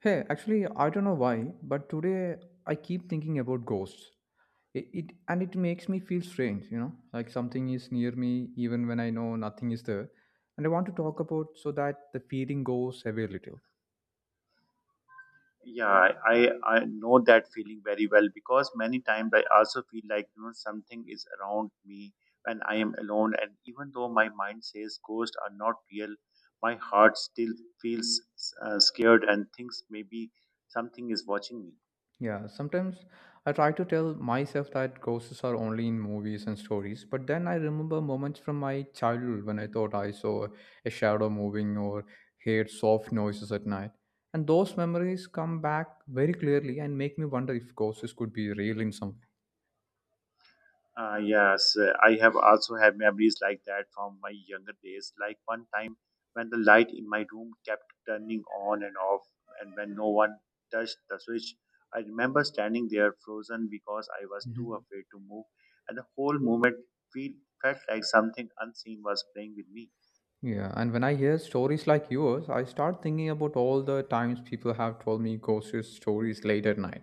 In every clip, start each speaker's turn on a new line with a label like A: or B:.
A: Hey, actually, I don't know why, but today I keep thinking about ghosts. It makes me feel strange, like something is near me even when I know nothing is there. And I want to talk about so that the feeling goes away a little.
B: Yeah, I know that feeling very well because many times I also feel like something is around me when I am alone, and even though my mind says ghosts are not real, my heart still feels scared and thinks maybe something is watching me.
A: Yeah, sometimes I try to tell myself that ghosts are only in movies and stories, but then I remember moments from my childhood when I thought I saw a shadow moving or heard soft noises at night. And those memories come back very clearly and make me wonder if ghosts could be real in some way.
B: Yes, I have also have memories like that from my younger days. Like one time when the light in my room kept turning on and off, and when no one touched the switch, I remember standing there frozen because I was too
A: Mhm.
B: afraid to move, and the whole moment feel, felt like something unseen was playing with me.
A: Yeah, and when I hear stories like yours, I start thinking about all the times people have told me ghost stories late at night.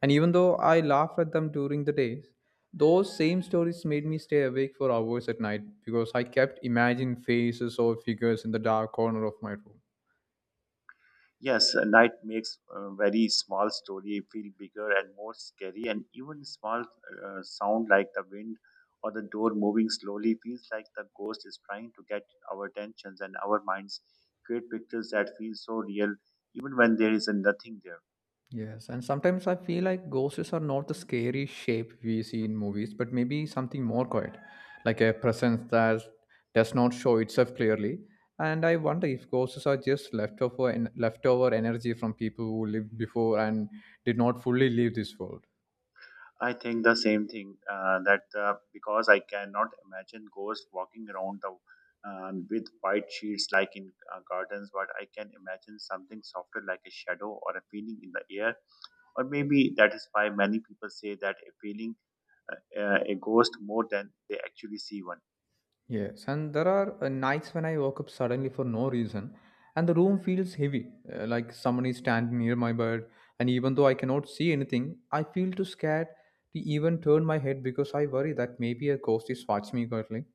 A: And even though I laughed at them during the days, those same stories made me stay awake for hours at night because I kept imagining faces or figures in the dark corner of my room.
B: Yes, a night makes a very small story feel bigger and more scary, and even small sound like the wind or the door moving slowly feels like the ghost is trying to get our attentions and our minds create pictures that feel so real, even when there is nothing there.
A: Yes, and sometimes I feel like ghosts are not the scary shape we see in movies, but maybe something more quiet, like a presence that does not show itself clearly. And I wonder if ghosts are just leftover energy from people who lived before and did not fully leave this world.
B: I think the same thing that because I cannot imagine ghosts walking around the with white sheets like in gardens, but I can imagine something softer like a shadow or a feeling in the air, or maybe that is why many people say that a feeling a ghost more than they actually see one.
A: Yes, and there are nights when I woke up suddenly for no reason, and the room feels heavy, like someone is standing near my bed. And even though I cannot see anything, I feel too scared to even turn my head because I worry that maybe a ghost is watching me currently.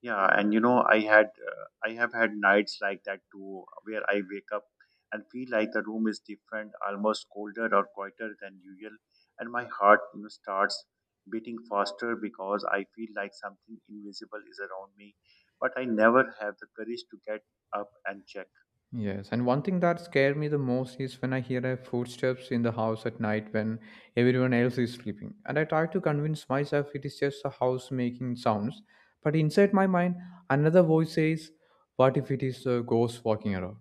B: Yeah, and I had I have had nights like that too, where I wake up and feel like the room is different, almost colder or quieter than usual, and my heart, starts beating faster because I feel like something invisible is around me, but I never have the courage to get up and check.
A: Yes, and one thing that scared me the most is when I hear a footsteps in the house at night when everyone else is sleeping. And I try to convince myself it is just a house making sounds, but inside my mind, another voice says, "What if it is a ghost walking around?"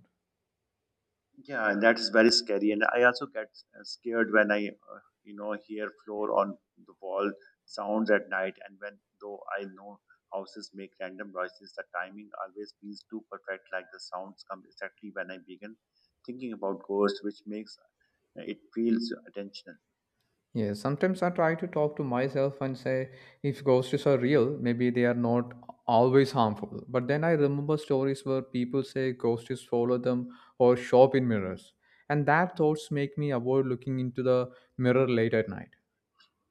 B: Yeah, and that is very scary. And I also get scared when I hear floor on the wall sounds at night. And when though I know houses make random noises, the timing always feels too perfect. Like the sounds come exactly when I begin thinking about ghosts, which makes it feels attentional.
A: Yeah, sometimes I try to talk to myself and say, if ghosts are real, maybe they are not always harmful. But then I remember stories where people say ghosts follow them or show up in mirrors. And that thoughts make me avoid looking into the mirror late at night.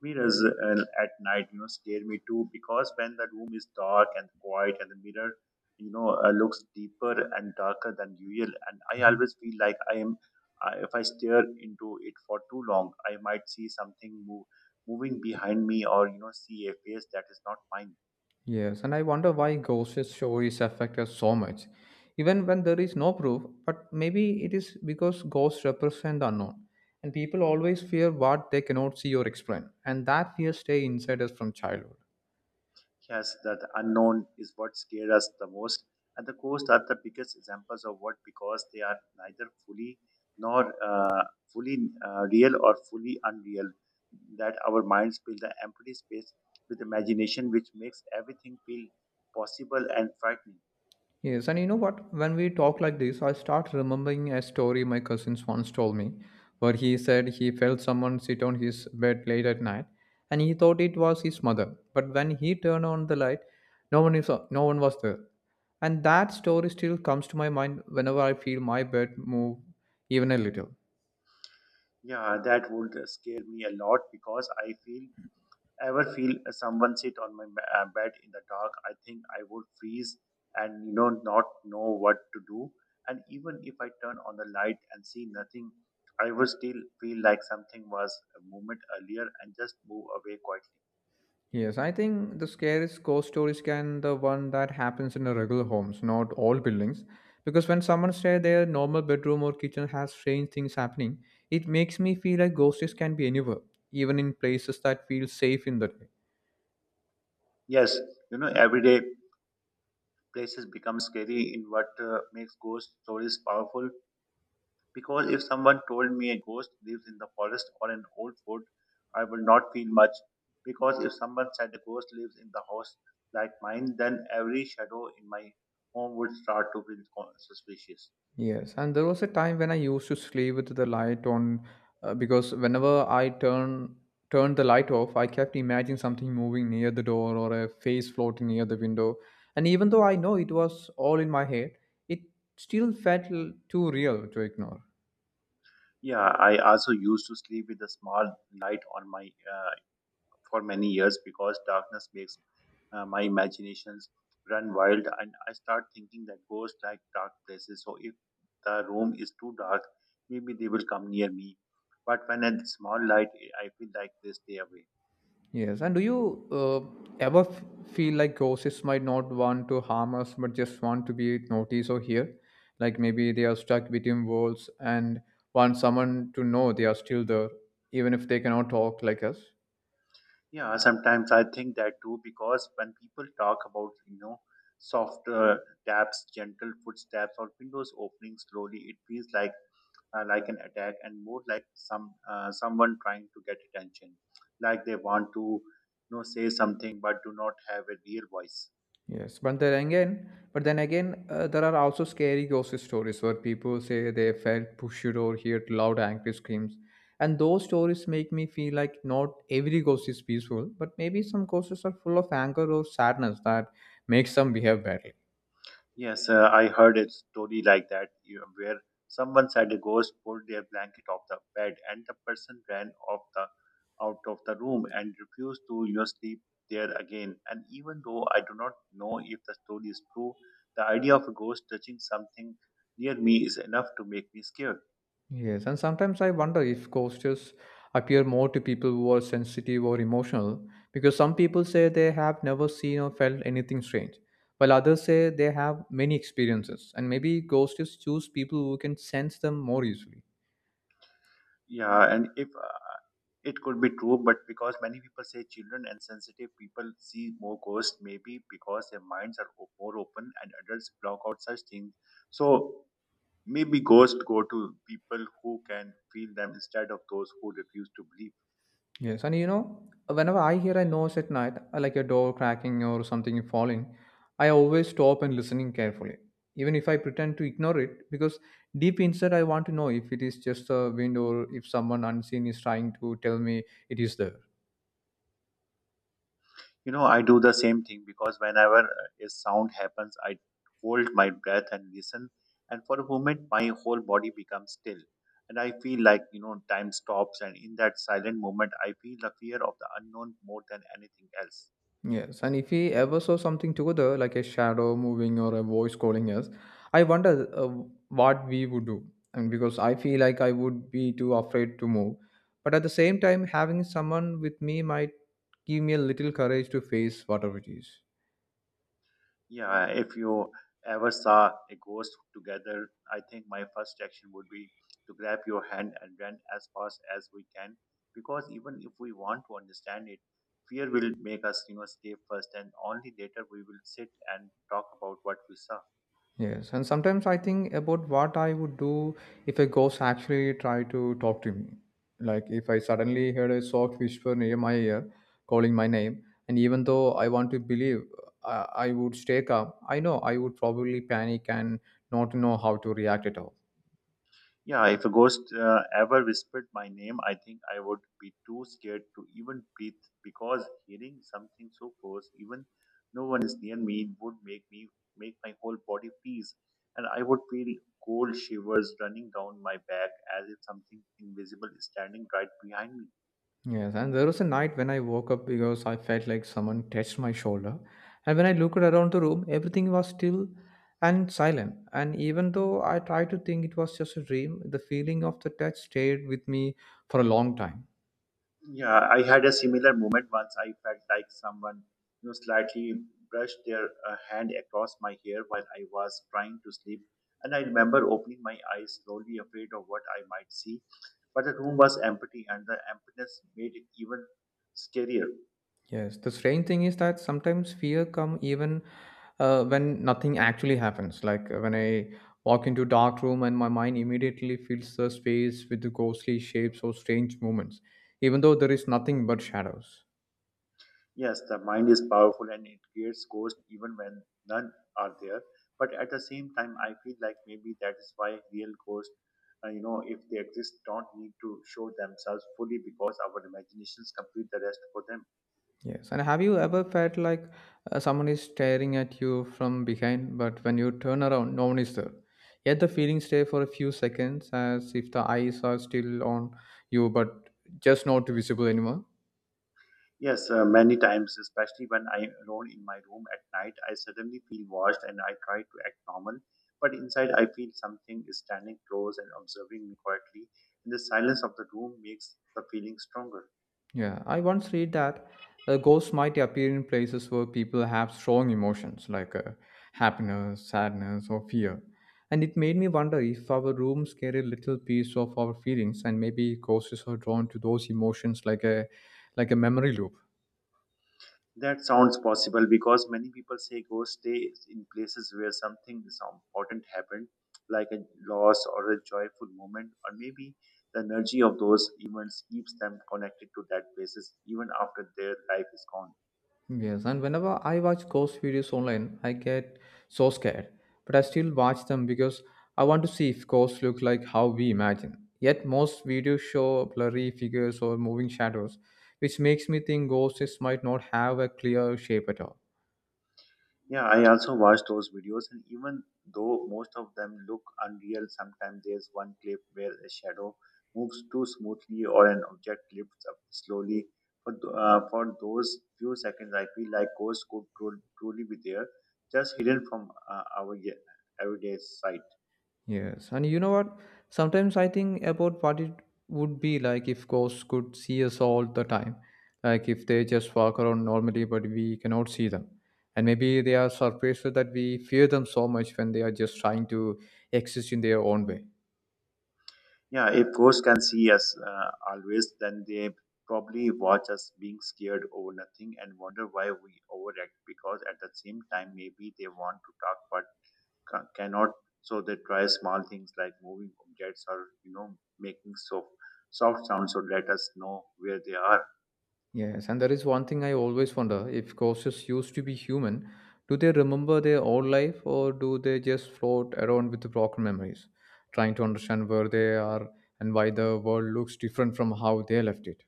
B: Mirrors at night, scare me too, because when the room is dark and quiet and the mirror, looks deeper and darker than usual, and I
A: Mhm.
B: always feel like I am I if I stare into it for too long I might see something moving behind me, or see a face that is not mine.
A: Yes, and I wonder why ghost stories affect us so much, even when there is no proof. But maybe it is because ghosts represent the unknown, and people always fear what they cannot see or explain, and that fear stay inside us from childhood.
B: Yes, that unknown is what scares us the most, and the coast are the biggest examples of what, because they are neither fully nor fully real or fully unreal. That our minds fill the empty space with imagination, which makes everything feel possible and frightening.
A: Yes, and you know what? When we talk like this, I start remembering a story my cousins once told me, where he said he felt someone sit on his bed late at night, and he thought it was his mother. But when he turned on the light, no one was there, and that story still comes to my mind whenever I feel my bed move even a little.
B: Yeah, that would scare me a lot because I feel ever feel someone sit on my bed in the dark, I think I would freeze and not know what to do. And even if I turn on the light and see nothing, I would still feel like something was a moment earlier and just move away quietly.
A: Yes, I think the scariest ghost stories can the one that happens in the regular homes, not all buildings. Because when someone says their normal bedroom or kitchen has strange things happening, it makes me feel like ghosts can be anywhere, even in places that feel safe in the day.
B: Yes, everyday places become scary in what makes ghost stories powerful. Because if someone told me a ghost lives in the forest or an old fort, I would not feel much. Because if someone said a ghost lives in the house like mine, then every shadow in my home would start to feel suspicious.
A: Yes, and there was a time when I used to sleep with the light on because whenever I turn turned the light off, I kept imagining something moving near the door or a face floating near the window. And even though I know it was all in my head, it still too real to ignore.
B: Yeah, I also used to sleep with a small light on my for many years, because darkness makes my imaginations run wild and I start thinking that ghosts like dark places. So if the room is too dark, maybe they will come near me. But when a small light, I feel like they stay away.
A: Yes, and do you ever f- feel like ghosts might not want to harm us but just want to be noticed or heard? Like maybe they are stuck between worlds and want someone to know they are still there, even if they cannot talk like us?
B: Yeah, sometimes I think that too because when people talk about, soft taps, gentle footsteps, or windows opening slowly, it feels like an attack and more like someone trying to get attention, like they want to say something but do not have a real voice.
A: Yes, but then again, there are also scary ghost stories where people say they felt pushed or heard loud angry screams, and those stories make me feel like not every ghost is peaceful, but maybe some ghosts are full of anger or sadness that makes them behave badly.
B: Yes, I heard a story like that where someone said a ghost pulled their blanket off the bed and the person ran off the out of the room and refused to, sleep there again, and even though I do not know if the story is true, the idea of a ghost touching something near me is enough to make me scared.
A: Yes, and sometimes I wonder if ghosts appear more to people who are sensitive or emotional because some people say they have never seen or felt anything strange, while others say they have many experiences, and maybe ghosts choose people who can sense them more easily.
B: Yeah, and if it could be true, but because many people say children and sensitive people see more ghosts, maybe because their minds are more open and adults block out such things. So maybe ghosts go to people who can feel them instead of those who refuse to believe.
A: Yes, and you know, whenever I hear a noise at night, like a door cracking or something falling, I always stop and listening carefully. Even if I pretend to ignore it, because deep inside I want to know if it is just a wind or if someone unseen is trying to tell me it is there.
B: You know, I do the same thing because whenever a sound happens, I hold my breath and listen, and for a moment, my whole body becomes still. And I feel like, time stops, and in that silent moment, I feel the fear of the unknown more than anything else.
A: Yes, and if we ever saw something together, like a shadow moving or a voice calling us, I wonder what we would do. And because I feel like I would be too afraid to move. But at the same time, having someone with me might give me a little courage to face whatever it is.
B: Yeah, if you ever saw a ghost together, I think my first action would be to grab your hand and run as fast as we can. Because even if we want to understand it, fear will make us, escape first, and only later we will sit and talk about what we saw.
A: Yes, and sometimes I think about what I would do if a ghost actually tried to talk to me. Like if I suddenly heard a soft whisper near my ear calling my name, and even though I want to believe, I would stay calm. I know I would probably panic and not know how to react at all.
B: Yeah, if a ghost ever whispered my name, I think I would be too scared to even breathe, because hearing something so close, even no one is near me, would make me make my whole body freeze, and I would feel cold shivers running down my back as if something invisible is standing right behind me.
A: Yes, and there was a night when I woke up because I felt like someone touched my shoulder. And when I looked around the room, everything was still and silent. And even though I tried to think it was just a dream, the feeling of the touch stayed with me for a long time.
B: Yeah, I had a similar moment once. I felt like someone, slightly brushed their hand across my hair while I was trying to sleep, and I remember opening my eyes slowly, afraid of what I might see. But the room was empty, and the emptiness made it even scarier.
A: Yes, the strange thing is that sometimes fear come even when nothing actually happens. Like when I walk into dark room and my mind immediately fills the space with the ghostly shapes or strange movements, even though there is nothing but shadows.
B: Yes, the mind is powerful and it creates ghosts even when none are there. But at the same time, I feel like maybe that is why real ghosts, if they exist, don't need to show themselves fully, because our imaginations complete the rest for them.
A: Yes. And have you ever felt like someone is staring at you from behind, but when you turn around, no one is there? Yet the feeling stays for a few seconds as if the eyes are still on you, but just not visible anymore.
B: Yes, many times, especially when I'm alone in my room at night, I suddenly feel watched and I try to act normal. But inside, I feel something is standing close and observing me quietly. And the silence of the room makes the feeling stronger.
A: Yeah. I once read that ghosts might appear in places where people have strong emotions like happiness, sadness, or fear. And it made me wonder if our rooms carry a little piece of our feelings, and maybe ghosts are drawn to those emotions like a memory loop.
B: That sounds possible because many people say go stay in places where something is important happened, like a loss or a joyful moment, or maybe the energy of those events keeps them connected to that places even after their life is gone.
A: Yes, and whenever I watch ghost videos online, I get so scared. But I still watch them because I want to see if ghosts look like how we imagine. Yet most videos show blurry figures or moving shadows, which makes me think ghosts might not have a clear shape at all.
B: Yeah, I also watched those videos, and even though most of them look unreal, sometimes there's one clip where a shadow moves too smoothly or an object lifts up slowly. For those few seconds, I feel like ghosts could truly be there, just hidden from everyday sight.
A: Yes, and you know what? Sometimes I think about what it would be like if ghosts could see us all the time. Like if they just walk around normally, but we cannot see them. And maybe they are surprised that we fear them so much when they are just trying to exist in their own way.
B: Yeah, if ghosts can see us always, then they probably watch us being scared over nothing and wonder why we overreact, because at the same time, maybe they want to talk but cannot, so they try small things like moving objects, or making soft sounds to let us know where they are.
A: Yes, and there is one thing I always wonder if ghosts used to be human, do they remember their old life or do they just float around with broken memories, trying to understand where they are and why the world looks different from how they left it?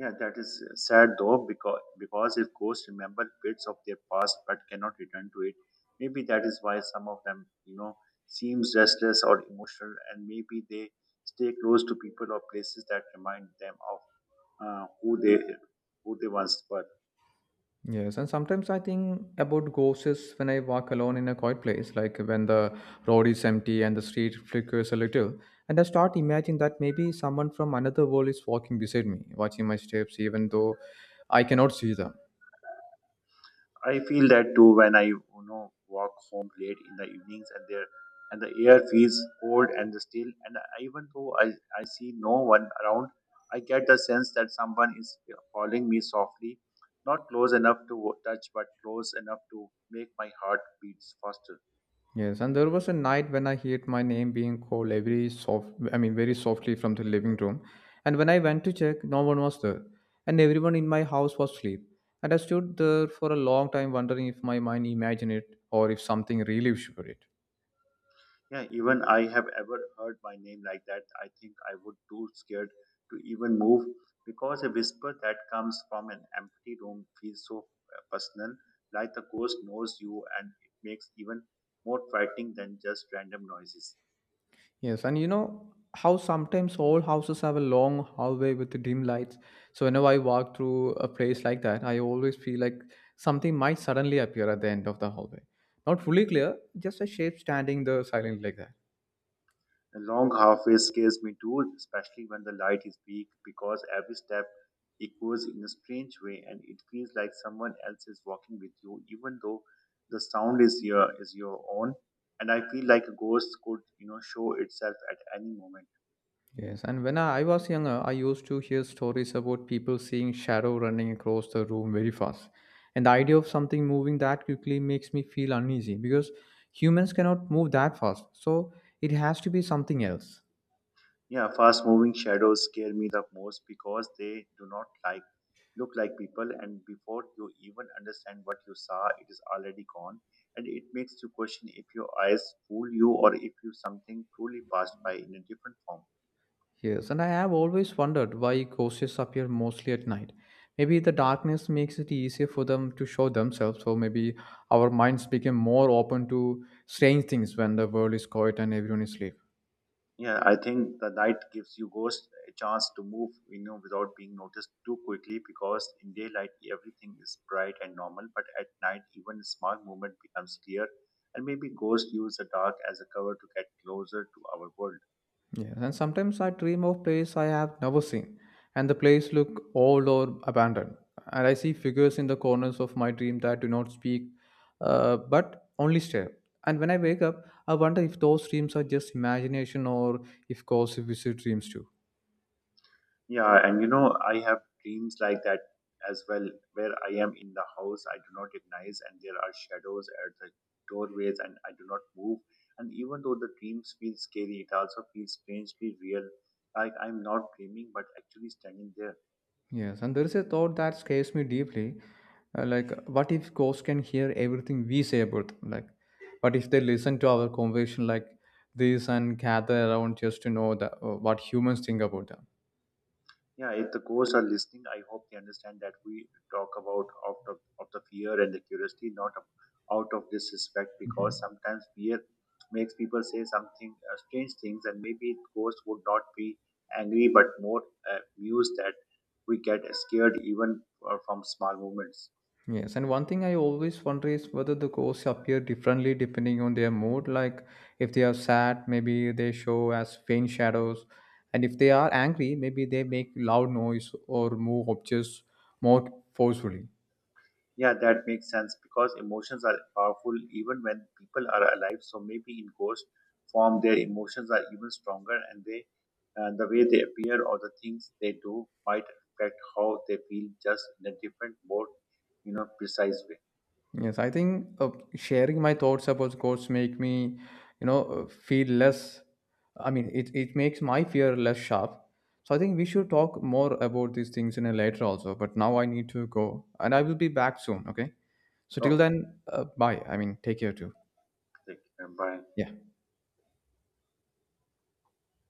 B: Yeah, that is sad though, because if ghosts remember bits of their past but cannot return to it, maybe that is why some of them, seems restless or emotional, and maybe they stay close to people or places that remind them of uh, who they who they once were.
A: Yes, and sometimes I think about ghosts when I walk alone in a quiet place, like when the road is empty and the street flickers a little. And I start imagining that maybe someone from another world is walking beside me, watching my steps, even though I cannot see them.
B: I feel that too when I, walk home late in the evenings, and the air feels cold and still, and even though I see no one around, I get the sense that someone is following me softly, not close enough to touch but close enough to make my heart beats faster.
A: Yes, and there was a night when I heard my name being called every soft, I mean, very softly from the living room. And when I went to check, no one was there, and everyone in my house was asleep. And I stood there for a long time, wondering if my mind imagined it or if something really showed it.
B: Yeah, even I have ever heard my name like that, I think I would too scared to even move, because a whisper that comes from an empty room feels so personal, like the ghost knows you, and it makes even more frightening than just random noises.
A: Yes, and you know how sometimes old houses have a long hallway with dim lights. So whenever I walk through a place like that, I always feel like something might suddenly appear at the end of the hallway. Not fully clear, just a shape standing there silently like that.
B: A long halfway scares me too, especially when the light is weak, because every step echoes in a strange way and it feels like someone else is walking with you, even though the sound is your own. And I feel like a ghost could, show itself at any moment.
A: Yes, and when I was younger, I used to hear stories about people seeing shadow running across the room very fast. And the idea of something moving that quickly makes me feel uneasy because humans cannot move that fast. So it has to be something else.
B: Yeah, fast moving shadows scare me the most because they do not like look like people, and before you even understand what you saw it is already gone, and it makes you question if your eyes fool you or if you something truly passed by in a different form.
A: Yes, and I have always wondered why ghosts appear mostly at night. Maybe the darkness makes it easier for them to show themselves, so maybe our minds become more open to strange things when the world is quiet and everyone is asleep.
B: Yeah, I think the night gives you ghost a chance to move, without being noticed too quickly, because in daylight everything is bright and normal, but at night even a small movement becomes clear, and maybe ghosts use the dark as a cover to get closer to our world.
A: Yes, and sometimes I dream of places I have never seen, and the place look old or abandoned. And I see figures in the corners of my dream that do not speak, but only stare. And when I wake up, I wonder if those dreams are just imagination or if ghosts visit dreams too.
B: Yeah, and, I have dreams like that as well, where I am in the house I do not recognize, and there are shadows at the doorways, and I do not move. And even though the dreams feel scary, it also feels strangely real, like I'm not dreaming but actually standing there.
A: Yes, and there is a thought that scares me deeply. Like, what if ghosts can hear everything we say about them? Like, what if they listen to our conversation like this and gather around just to know what humans think about them?
B: Yeah, if the ghosts are listening, I hope they understand that we talk about of the fear and the curiosity, not of, out of disrespect, because
A: Mhm.
B: sometimes fear makes people say something strange things, and maybe ghosts would not be angry but more amused that we get scared even from small movements.
A: Yes, and one thing I always wonder is whether the ghosts appear differently depending on their mood. Like, if they are sad, maybe they show as faint shadows, and if they are angry, maybe they make loud noise or move objects more forcefully.
B: Yeah, that makes sense because emotions are powerful even when people are alive. So maybe in ghost form, their emotions are even stronger, and they, the way they appear or the things they do might affect how they feel, just in a different, more precise way.
A: Yes, I think sharing my thoughts about course make me, you know, feel less. I mean, it makes my fear less sharp. So I think we should talk more about these things in a later also. But now I need to go, and I will be back soon. Okay. So till
B: Okay,
A: then, take care too.
B: take care. Bye.
A: Yeah.